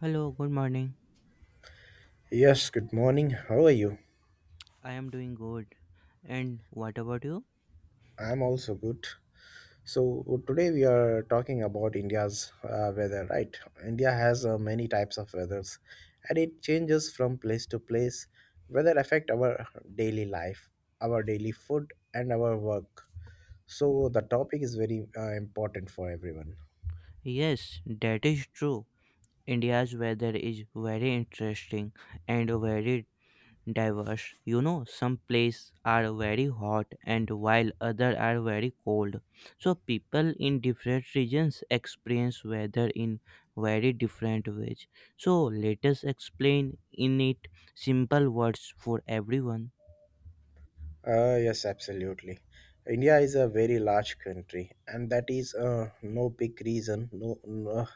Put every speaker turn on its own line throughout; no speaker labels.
Hello, good morning.
Yes, good morning. How are you?
I am doing good. And what about you?
I'm also good. So today we are talking about India's weather, right? India has many types of weathers and it changes from place to place. Weather affect our daily life, our daily food and our work. So the topic is very important for everyone.
Yes, that is true. India's weather is very interesting and very diverse. You know, some places are very hot and while others are very cold. So people in different regions experience weather in very different ways. So let us explain in it simple words for everyone.
Yes, absolutely. India is a very large country, and that is no big reason. No, no,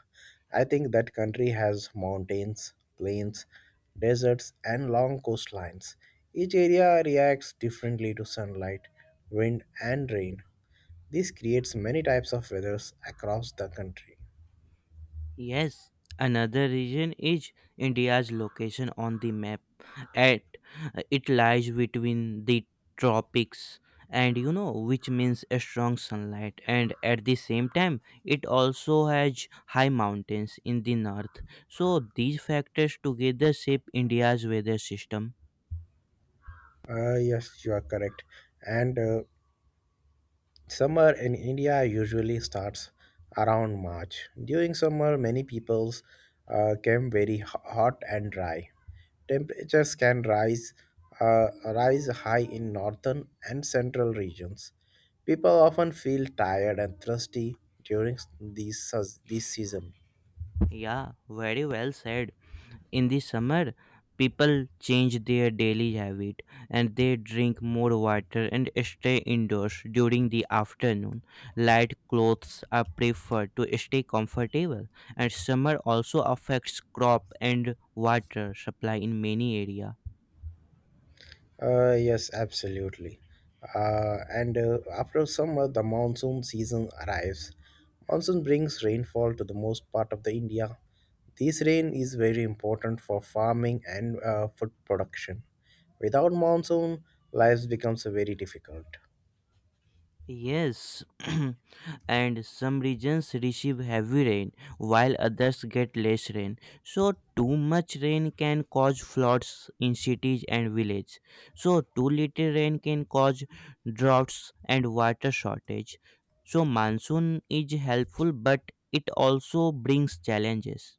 I think that country has mountains, plains, deserts, and long coastlines. Each area reacts differently to sunlight, wind, and rain. This creates many types of weathers across the country.
Yes, another reason is India's location on the map. At It lies between the tropics and you know which means a strong sunlight, and at the same time it also has high mountains in the north. So these factors together shape India's weather system.
Yes, you are correct. And summer in India usually starts around March. During summer, many peoples come very hot and dry. Temperatures can rise high in northern and central regions. People often feel tired and thirsty during this season.
Yeah, very well said. In the summer, people change their daily habit and they drink more water and stay indoors during the afternoon. Light clothes are preferred to stay comfortable, and summer also affects crop and water supply in many areas.
Yes, absolutely. And After summer, the monsoon season arrives. Monsoon brings rainfall to the most part of the India. This rain is very important for farming and food production. Without monsoon, life becomes very difficult.
Yes, and some regions receive heavy rain while others get less rain. So, too much rain can cause floods in cities and villages. So, too little rain can cause droughts and water shortage. So, monsoon is helpful, but it also brings challenges.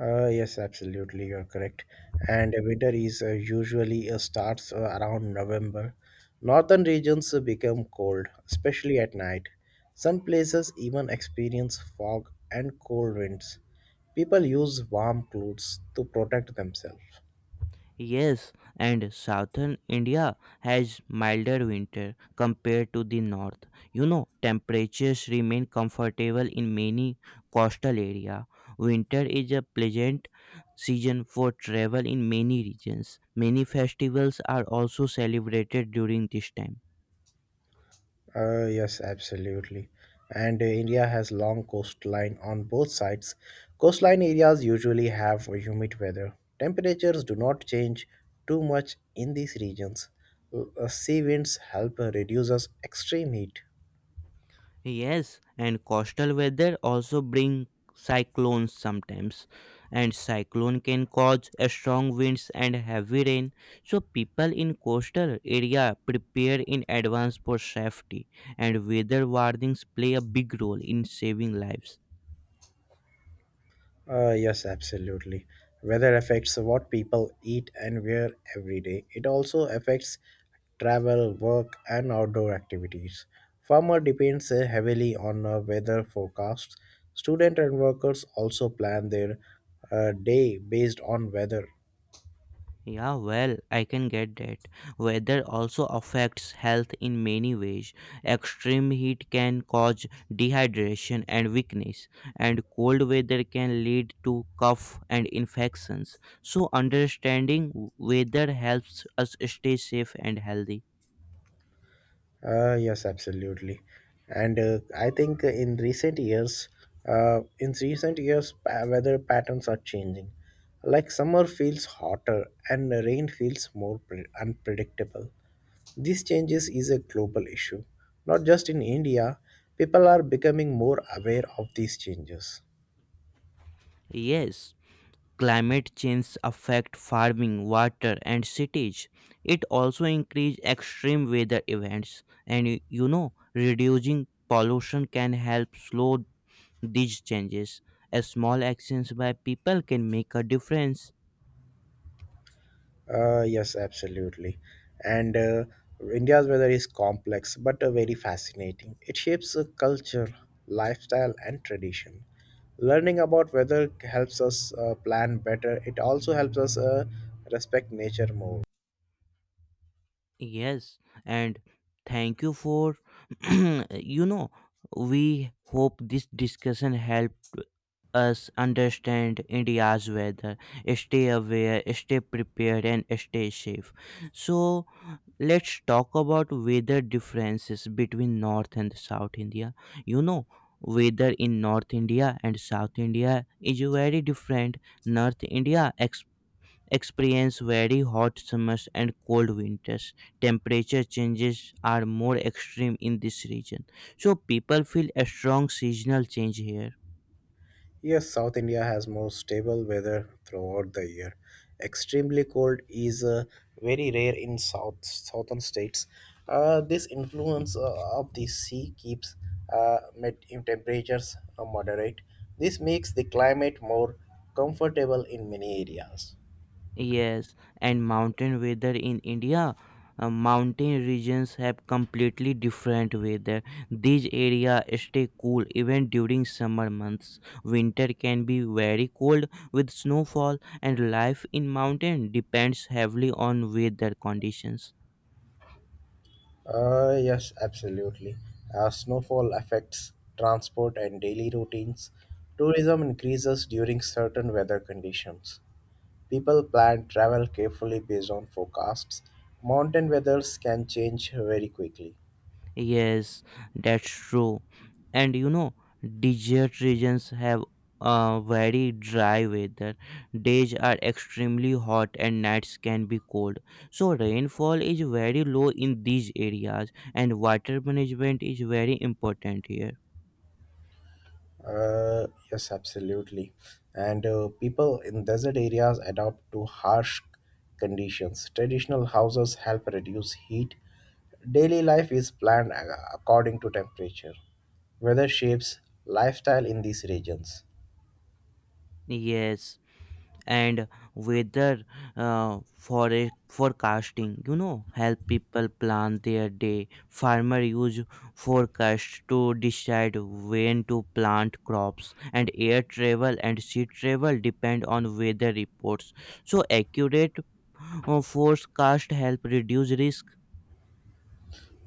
Yes, absolutely, you're correct. And winter is usually starts around November. Northern regions become cold, especially at night. Some places even experience fog and cold winds. People use warm clothes to protect themselves.
Yes, and southern India has milder winter compared to the north. You know, temperatures remain comfortable in many coastal areas. Winter is a pleasant season for travel in many regions. Many festivals are also celebrated during this time.
Yes, absolutely. And India has long coastline on both sides. Coastline areas usually have humid weather. Temperatures do not change too much in these regions. Sea winds help reduces extreme heat.
Yes, and coastal weather also bring cyclones sometimes, and cyclone can cause a strong winds and heavy rain. So people in coastal area prepare in advance for safety, and weather warnings play a big role in saving lives.
Yes, absolutely. Weather affects what people eat and wear every day. It also affects travel, work, and outdoor activities. Farmer depends heavily on weather forecasts. Student and workers also plan their day based on weather.
Yeah, well, I can get that. Weather also affects health in many ways. Extreme heat can cause dehydration and weakness, and cold weather can lead to cough and infections. So, understanding weather helps us stay safe and healthy.
Yes, absolutely. And I think in recent years, weather patterns are changing. Like summer feels hotter and rain feels more unpredictable. These changes is a global issue. Not just in India, people are becoming more aware of these changes.
Yes, climate change affect farming, water and cities. It also increase extreme weather events, and you know, reducing pollution can help slow these changes. A small actions by people can make a difference.
Yes, absolutely. And India's weather is complex but very fascinating. It shapes culture, lifestyle, and tradition. Learning about weather helps us plan better. It also helps us respect nature more.
Yes, and thank you for you know we hope this discussion helped us understand India's weather. Stay aware, stay prepared and stay safe. So let's talk about weather differences between North and South India. You know, weather in North India and South India is very different. North India ex- experience very hot summers and cold winters. Temperature changes are more extreme in this region. So people feel a strong seasonal change here.
Yes, South India has more stable weather throughout the year. Extremely cold is very rare in southern states. This influence of the sea keeps met in temperatures moderate. This makes the climate more comfortable in many areas.
Yes, and mountain weather in India, mountain regions have completely different weather. These areas stay cool even during summer months. Winter can be very cold with snowfall, and life in mountain depends heavily on weather conditions.
Yes, absolutely. Snowfall affects transport and daily routines. Tourism increases during certain weather conditions. People plan travel carefully based on forecasts. Mountain weathers can change very quickly.
Yes, that's true. And you know, desert regions have very dry weather. Days are extremely hot and nights can be cold. So rainfall is very low in these areas and water management is very important here.
Yes, absolutely. And people in desert areas adapt to harsh conditions. Traditional houses help reduce heat. Daily life is planned according to temperature. Weather shapes lifestyle in these regions.
Yes, and weather for- forecasting, you know, help people plan their day. Farmer use forecast to decide when to plant crops, and air travel and sea travel depend on weather reports. So accurate forecast help reduce risk.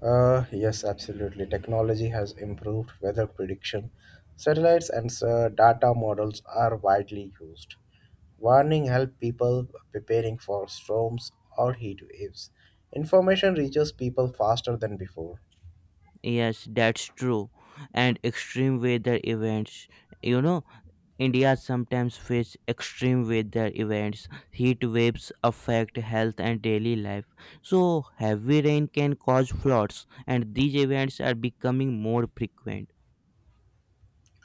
Yes, absolutely. Technology has improved weather prediction. Satellites and data models are widely used. Warning help people preparing for storms or heat waves. Information reaches people faster than before.
Yes, that's true. And extreme weather events, you know, India sometimes faces extreme weather events. Heat waves affect health and daily life. So, heavy rain can cause floods, and these events are becoming more frequent.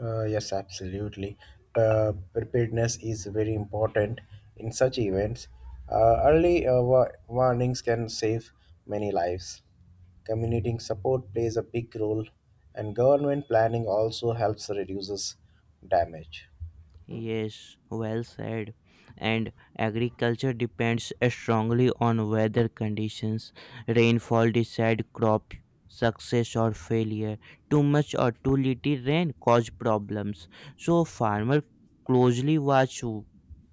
Yes, absolutely. Preparedness is very important in such events. Early warnings can save many lives. Community support plays a big role, and government planning also helps reduces damage.
Yes, well said. And agriculture depends strongly on weather conditions. Rainfall decides crop success or failure. Too much or too little rain cause problems. So, farmer closely watch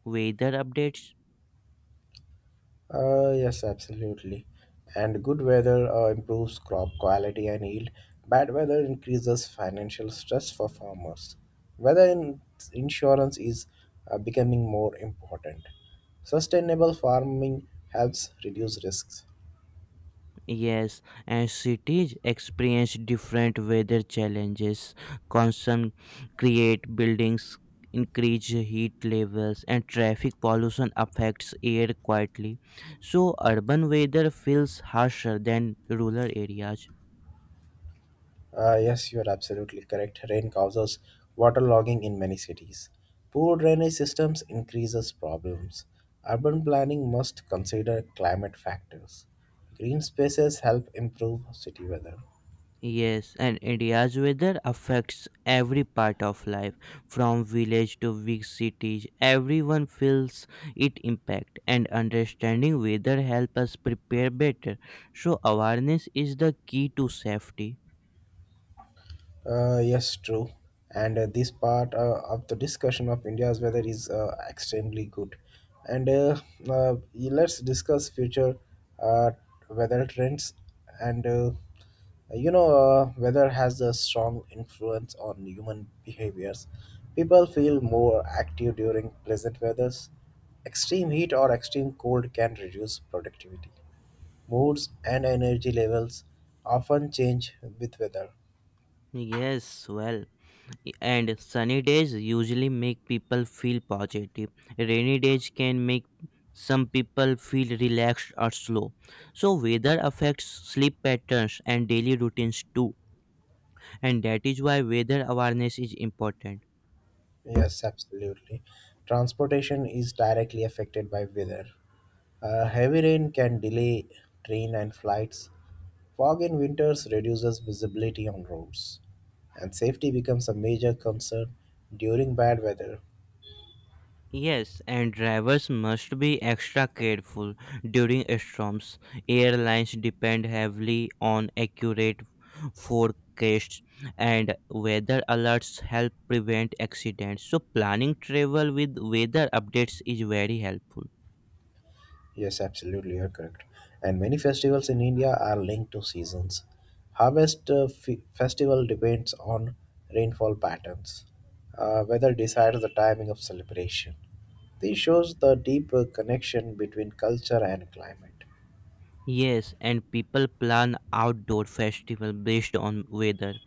weather updates.
Yes, absolutely. And good weather improves crop quality and yield. Bad weather increases financial stress for farmers. Weather insurance is becoming more important. Sustainable farming helps reduce risks.
Yes, and cities experience different weather challenges. Constant create buildings, increase heat levels, and traffic pollution affects air quietly. So urban weather feels harsher than rural areas.
Yes, you are absolutely correct. Rain causes waterlogging in many cities. Poor drainage systems increases problems. Urban planning must consider climate factors. Green spaces help improve city weather.
Yes, and India's weather affects every part of life, from village to big cities. Everyone feels its impact, and understanding weather helps us prepare better. So awareness is the key to safety.
Yes, true. And this part of the discussion of India's weather is extremely good. And Let's discuss future uh, weather trends. And you know, weather has a strong influence on human behaviors. People feel more active during pleasant weathers. Extreme heat or extreme cold can reduce productivity. Moods and energy levels often change with weather.
Yes, well, and sunny days usually make people feel positive. Rainy days can make some people feel relaxed or slow. So weather affects sleep patterns and daily routines too. And that is why weather awareness is important.
Yes, absolutely. Transportation is directly affected by weather. Heavy rain can delay train and flights. Fog in winters reduces visibility on roads. And safety becomes a major concern during bad weather.
Yes, and drivers must be extra careful during storms. Airlines depend heavily on accurate forecasts, and weather alerts help prevent accidents. So planning travel with weather updates is very helpful.
Yes, absolutely, you're correct. And many festivals in India are linked to seasons. Harvest festival depends on rainfall patterns. Weather decides the timing of celebration. This shows the deeper connection between culture and climate.
Yes, and people plan outdoor festival based on weather.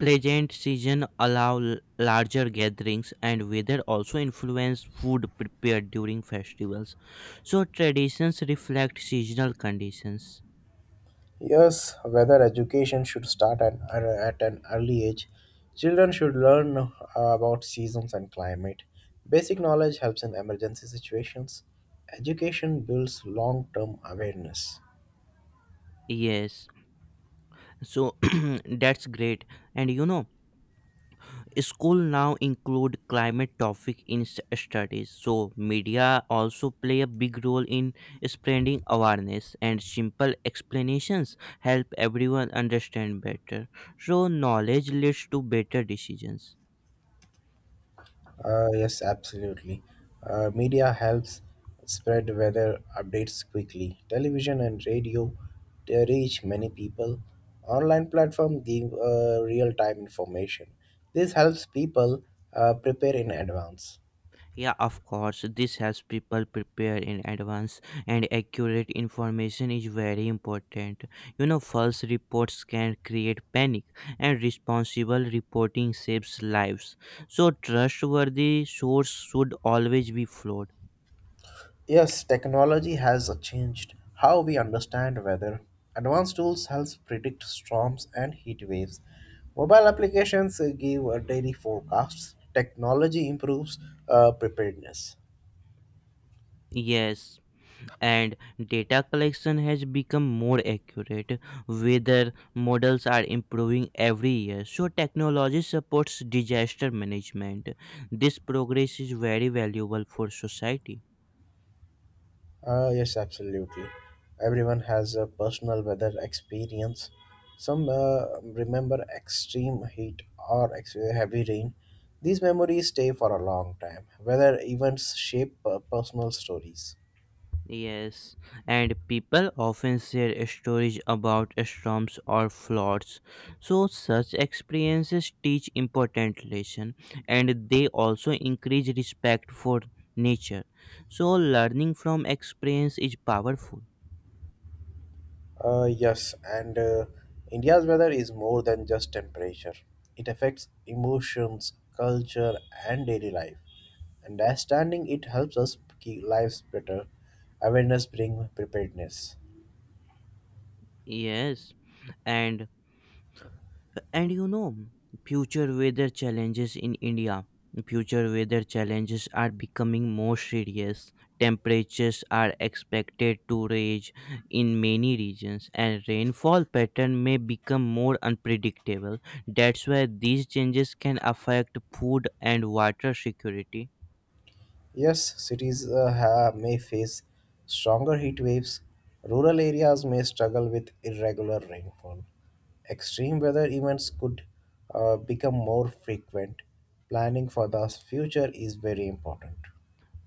Pleasant season allow larger gatherings, and weather also influence food prepared during festivals. So traditions reflect seasonal conditions.
Yes, whether education should start at an early age. Children should learn about seasons and climate. Basic knowledge helps in emergency situations. Education builds long term awareness.
Yes. So that's great. And you know, school now include climate topic in studies. So media also play a big role in spreading awareness, and simple explanations help everyone understand better. So knowledge leads to better decisions.
Yes, absolutely. Media helps spread weather updates quickly. Television and radio they reach many people. Online platform give real-time information. This helps people prepare in advance.
Yeah, of course. This helps people prepare in advance, and accurate information is very important. You know, false reports can create panic, and responsible reporting saves lives. So, trustworthy source should always be followed.
Yes, technology has changed how we understand weather. Advanced tools help predict storms and heat waves. Mobile applications give daily forecasts. Technology improves preparedness.
Yes. And data collection has become more accurate. Weather models are improving every year, so technology supports disaster management. This progress is very valuable for society.
Yes, absolutely. Everyone has a personal weather experience. Some remember extreme heat or heavy rain. These memories stay for a long time. Weather events shape personal stories.
Yes, and people often share stories about storms or floods. So such experiences teach important lesson, and they also increase respect for nature. So learning from experience is powerful.
Yes, and India's weather is more than just temperature. It affects emotions, culture, and daily life. Understanding it helps us keep lives better. Awareness brings preparedness.
Yes, and and you know, future weather challenges in India. Future weather challenges are becoming more serious. Temperatures are expected to rise in many regions, and rainfall pattern may become more unpredictable. That's why these changes can affect food and water security.
Yes, cities may face stronger heat waves. Rural areas may struggle with irregular rainfall. Extreme weather events could become more frequent. Planning for the future is very important.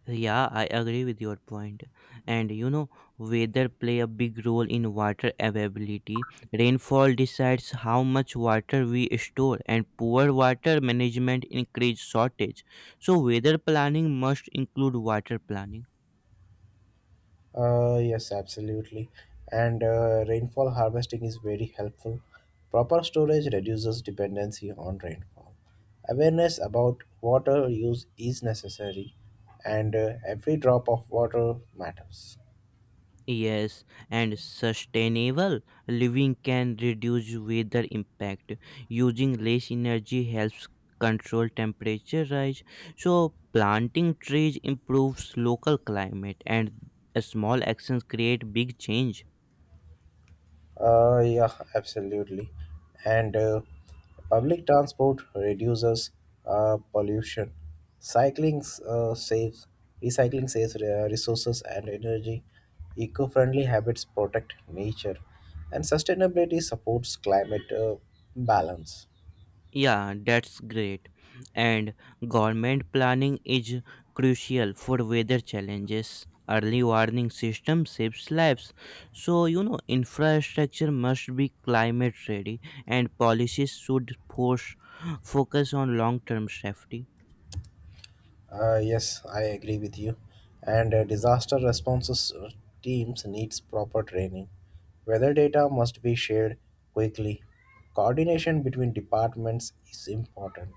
Yeah, I agree with your point. And you know, weather play a big role in water availability. Rainfall decides how much water we store, and poor water management increase shortage. So weather planning must include water planning.
Yes, absolutely. And rainfall harvesting is very helpful. Proper storage reduces dependency on rainfall. Awareness about water use is necessary, and every drop of water matters.
Yes, and sustainable living can reduce weather impact. Using less energy helps control temperature rise. So, planting trees improves local climate, and small actions create big change.
Yeah, absolutely. And public transport reduces pollution. Cycling uh, saves, Recycling saves resources and energy. Eco-friendly habits protect nature, and sustainability supports climate balance.
Yeah, that's great. And government planning is crucial for weather challenges. Early warning system saves lives. So, you know, infrastructure must be climate ready, and policies should force focus on long term safety.
Yes, I agree with you. And disaster responses teams needs proper training. Weather data must be shared quickly. Coordination between departments is important,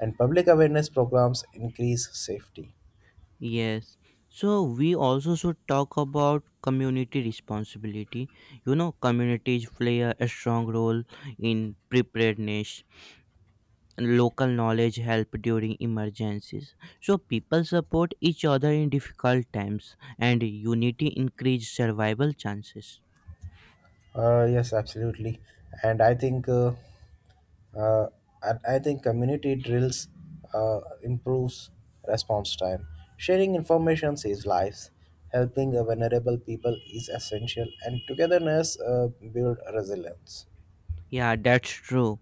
and public awareness programs increase safety.
Yes. So, we also should talk about community responsibility. You know, communities play a strong role in preparedness. Local knowledge help during emergencies. So people support each other in difficult times, and unity increase survival chances.
Yes, absolutely. And I think uh, community drills improves response time. Sharing information saves lives. Helping vulnerable people is essential, and togetherness build resilience.
Yeah, that's true.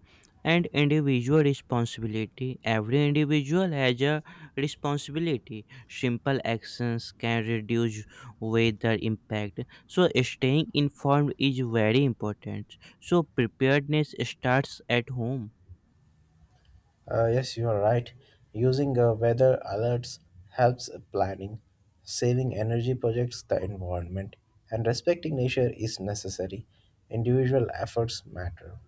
And individual responsibility, every individual has a responsibility. Simple actions can reduce weather impact, so staying informed is very important. So preparedness starts at home.
Yes, you are right. Using weather alerts helps planning, saving energy projects the environment, and respecting nature is necessary. Individual efforts matter.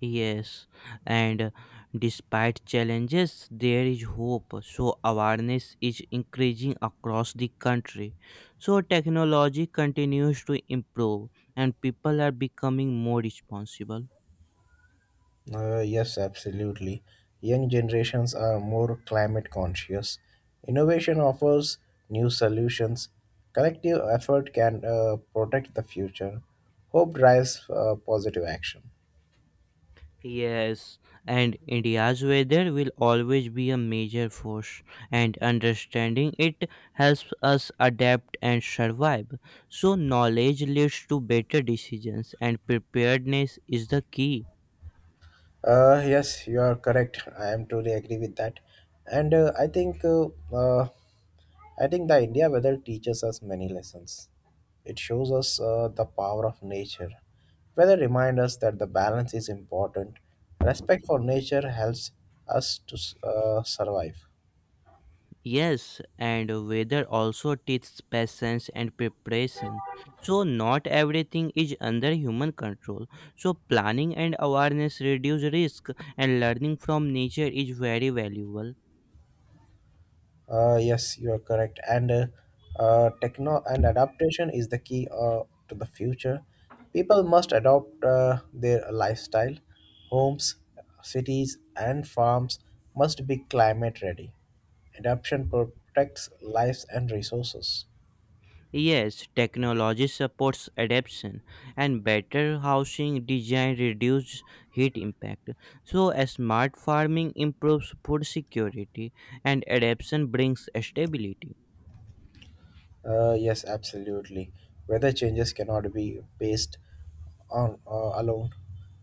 Yes, and despite challenges, there is hope. So, awareness is increasing across the country. So, technology continues to improve, and people are becoming more responsible.
Yes, absolutely. Young generations are more climate conscious. Innovation offers new solutions. Collective effort can protect the future. Hope drives positive action.
Yes, and India's weather will always be a major force, and understanding it helps us adapt and survive. So, knowledge leads to better decisions, and preparedness is the key.
Yes, you are correct. I am truly agree with that, and I think the India weather teaches us many lessons. It shows us the power of nature. Weather reminds us that the balance is important. Respect for nature helps us to survive.
Yes, and weather also teaches patience and preparation. So, not everything is under human control. So, planning and awareness reduce risk, and learning from nature is very valuable.
Yes, you are correct. And adaptation is the key to the future. People must adopt their lifestyle. Homes, cities, and farms must be climate ready. Adaptation protects lives and resources.
Yes, technology supports adaptation, and better housing design reduces heat impact. So, a smart farming improves food security, and adaptation brings stability.
Yes, absolutely. Weather changes cannot be based on alone.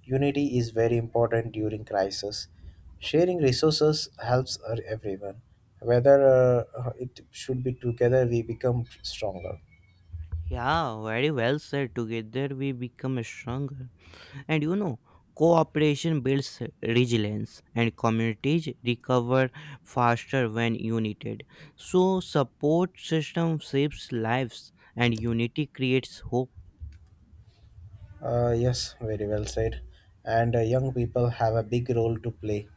Unity is very important during crisis. Sharing resources helps everyone. Whether it should be together, we become stronger.
Yeah, very well said. Together we become stronger. And you know, cooperation builds resilience, and communities recover faster when united. So support system saves lives, and unity creates hope.
Yes, very well said. And young people have a big role to play.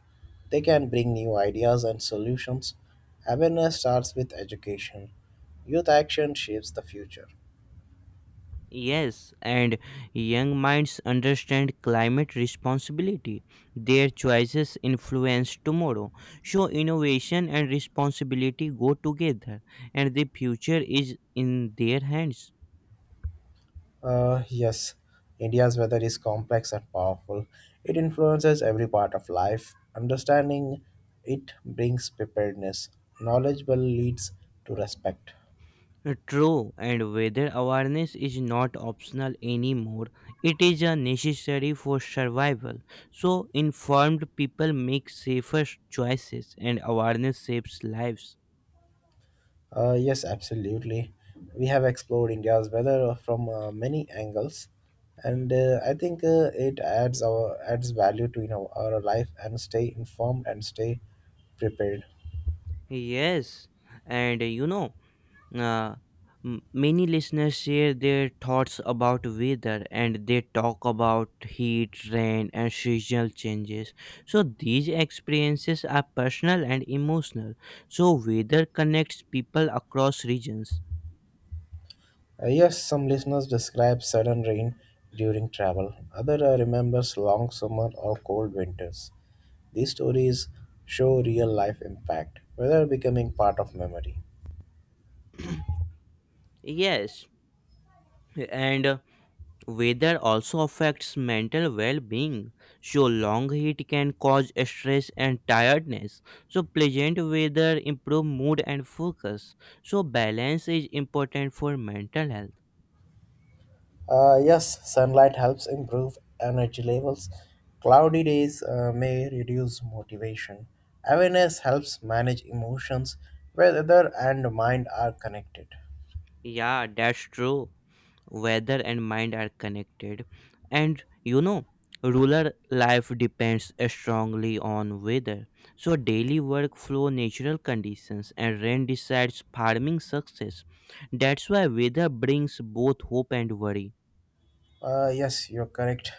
They can bring new ideas and solutions. Awareness starts with education. Youth action shapes the future.
Yes, and young minds understand climate responsibility. Their choices influence tomorrow. So innovation and responsibility go together, and the future is in their hands.
Yes, India's weather is complex and powerful. It influences every part of life. Understanding it brings preparedness. Knowledge will leads to respect.
True, and weather awareness is not optional anymore. It is a necessary for survival. So, informed people make safer choices, and awareness saves lives.
Yes, absolutely. We have explored India's weather from many angles,
Hmm.
and I think it adds our adds value to you know our life and stay informed and stay prepared.
Yes, and you know, Uh, many listeners share their thoughts about weather, and they talk about heat, rain, and seasonal changes. So, these experiences are personal and emotional. So, weather connects people across regions.
Yes, some listeners describe sudden rain during travel. Other remembers long summer or cold winters. These stories show real life impact, whether becoming part of memory.
Yes, and weather also affects mental well-being. So long heat can cause stress and tiredness. So pleasant weather improve mood and focus. So balance is important for mental health.
Yes, sunlight helps improve energy levels. Cloudy days may reduce motivation. Awareness helps manage emotions, whether and mind are connected.
Yeah, that's true. Weather and mind are connected, and you know, rural life depends strongly on weather. So daily workflow, natural conditions, and rain decides farming success. That's why weather brings both hope and worry.
Yes, you're correct.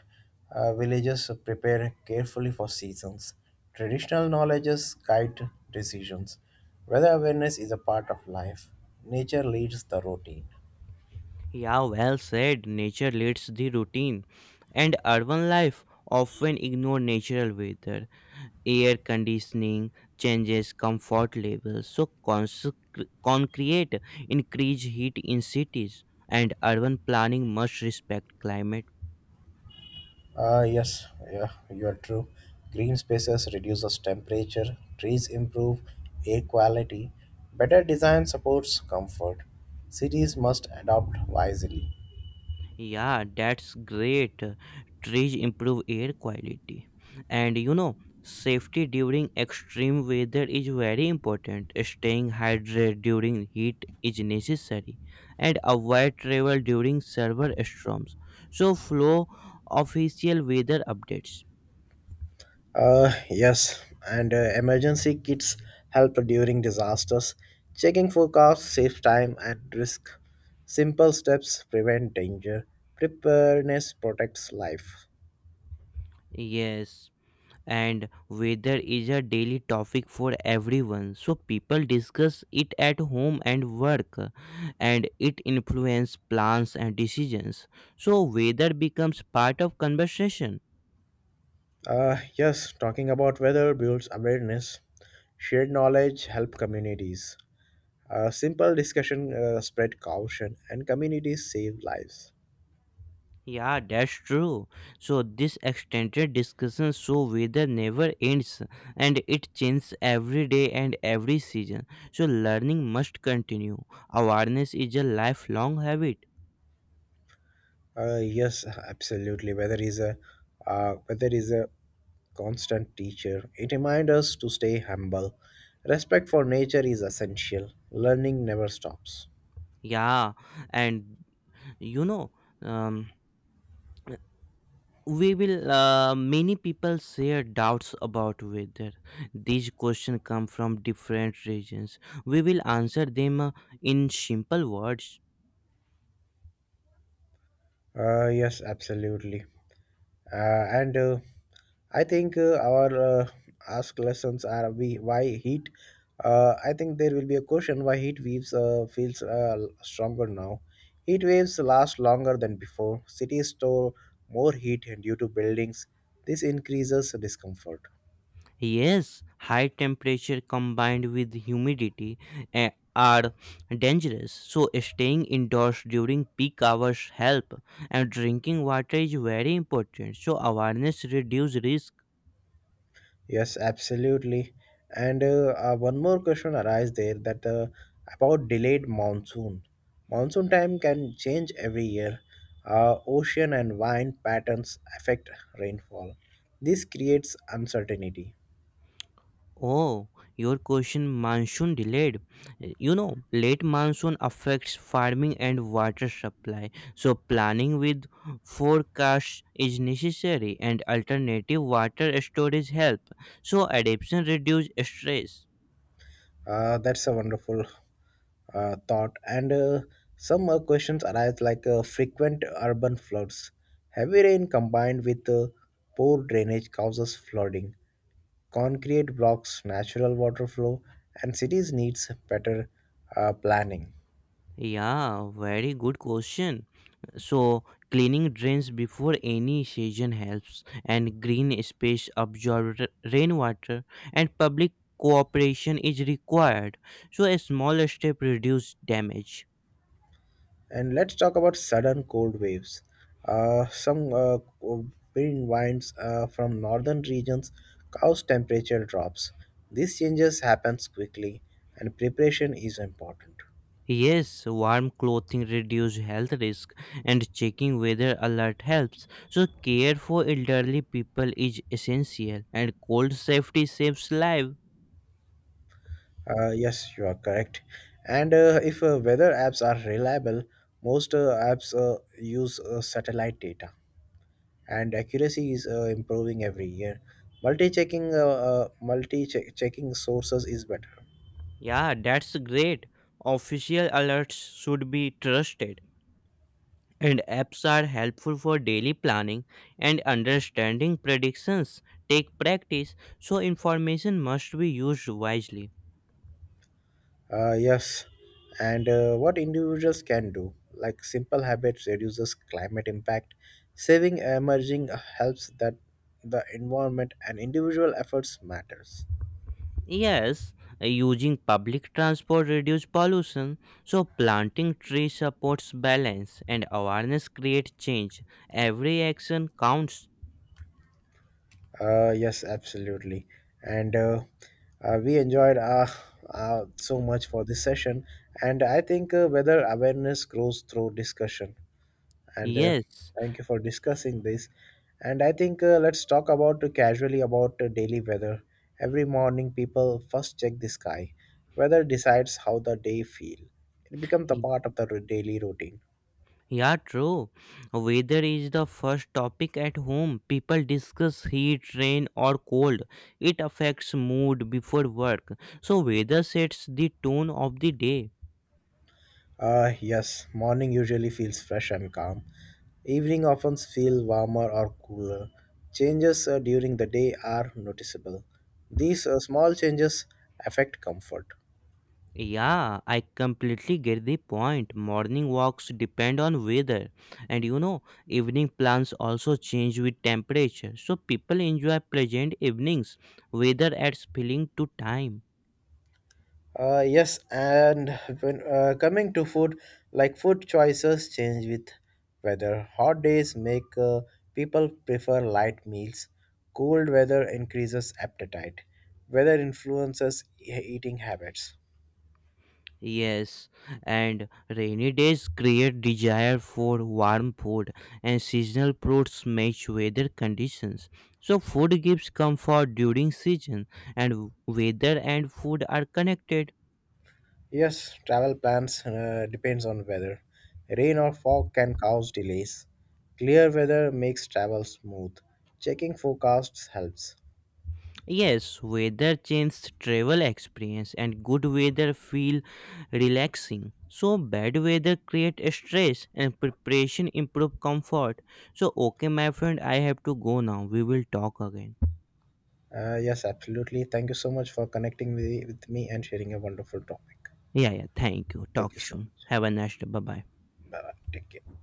Villagers prepare carefully for seasons. Traditional knowledges guide decisions. Weather awareness is a part of life. Nature leads the routine.
Yeah, well said. Nature leads the routine. And urban life often ignore natural weather. Air conditioning changes comfort levels, so concrete increase heat in cities, and urban planning must respect climate.
Yes, yeah, you are true. Green spaces reduces temperature. Trees improve air quality. Better design supports comfort. Cities must adopt wisely.
Yeah, that's great. Trees improve air quality. And you know, safety during extreme weather is very important. Staying hydrated during heat is necessary, and avoid travel during severe storms. So flow official weather updates.
Yes, and emergency kits help during disasters. Checking forecasts saves time and risk. Simple steps prevent danger. Preparedness protects life.
Yes, and weather is a daily topic for everyone. So people discuss it at home and work, and it influences plans and decisions. So weather becomes part of conversation.
Yes, talking about weather builds awareness. Shared knowledge help communities. A simple discussion spread caution, and communities save lives.
Yeah, that's true. So this extended discussion, so weather never ends, and it changes every day and every season. So learning must continue. Awareness is a lifelong habit.
Yes, absolutely. Weather is a constant teacher. It reminds us to stay humble. Respect for nature is essential. Learning never stops.
Yeah, and you know, um, we will many people share doubts about whether these questions come from different regions. We will answer them in simple words.
Yes, absolutely. And I think our ask lessons are we why heat. I think there will be a question why heat waves feels stronger now. Heat waves last longer than before. Cities store more heat due to buildings. This increases discomfort.
Yes, high temperature combined with humidity eh, are dangerous, so staying indoors during peak hours help, and drinking water is very important. So awareness reduce risk.
Yes, absolutely. And one more question arises there that about delayed monsoon. Monsoon time can change every year. Ocean and wind patterns affect rainfall. This creates uncertainty.
Oh, your question monsoon delayed. You know, late monsoon affects farming and water supply. So planning with forecast is necessary, and alternative water storage help. So adaptation reduce stress.
That's a wonderful thought. And some questions arise like frequent urban floods. Heavy rain combined with poor drainage causes flooding. Concrete blocks natural water flow, and cities needs better planning.
Yeah, very good question. So, cleaning drains before any season helps, and green space absorb rainwater, and public cooperation is required. So, a small step reduce damage.
And let's talk about sudden cold waves. Some winds from northern regions cause temperature drops. These changes happens quickly, and preparation is important.
Yes, warm clothing reduce health risk, and checking weather alert helps. So, care for elderly people is essential, and cold safety saves life.
Yes, you are correct. And if weather apps are reliable, most apps use satellite data, and accuracy is improving every year. Multi checking sources is better.
Yeah, that's great. Official alerts should be trusted, and apps are helpful for daily planning and understanding predictions. Take practice, so information must be used wisely.
Yes, and what individuals can do, like simple habits reduces climate impact, saving emerging helps that the environment and individual efforts matters.
Yes, using public transport reduces pollution, so planting trees supports balance, and awareness creates change. Every action counts.
Yes, absolutely, and we enjoyed so much for this session, and I think whether awareness grows through discussion and
Yes.
thank you for discussing this. And I think let's talk about casually about daily weather. Every morning, people first check the sky. Weather decides how the day feel. It becomes the part of the daily routine.
Yeah, true. Weather is the first topic at home. People discuss heat, rain, or cold. It affects mood before work. So, weather sets the tone of the day.
Yes, morning usually feels fresh and calm. Evening often feel warmer or cooler. Changes during the day are noticeable. These small changes affect comfort.
Yeah, I completely get the point. Morning walks depend on weather. And you know, evening plans also change with temperature. So, people enjoy pleasant evenings. Weather adds feeling to time.
Yes, and when coming to food, like food choices change with weather. Hot days make people prefer light meals. Cold weather increases appetite. Weather influences eating habits.
Yes, and rainy days create desire for warm food, and seasonal fruits match weather conditions. So, food gives comfort during season, and weather and food are connected.
Yes, travel plans depends on weather. Rain or fog can cause delays. Clear weather makes travel smooth. Checking forecasts helps.
Yes, weather changes travel experience, and good weather feel relaxing. So, bad weather create stress, and preparation improve comfort. So, okay, my friend, I have to go now. We will talk again.
Yes, absolutely. Thank you so much for connecting with me and sharing a wonderful topic.
Yeah, yeah. Thank you. Talk
Thank you so
soon.
much.
Have a nice day. Bye bye.
Bye bye. Take care.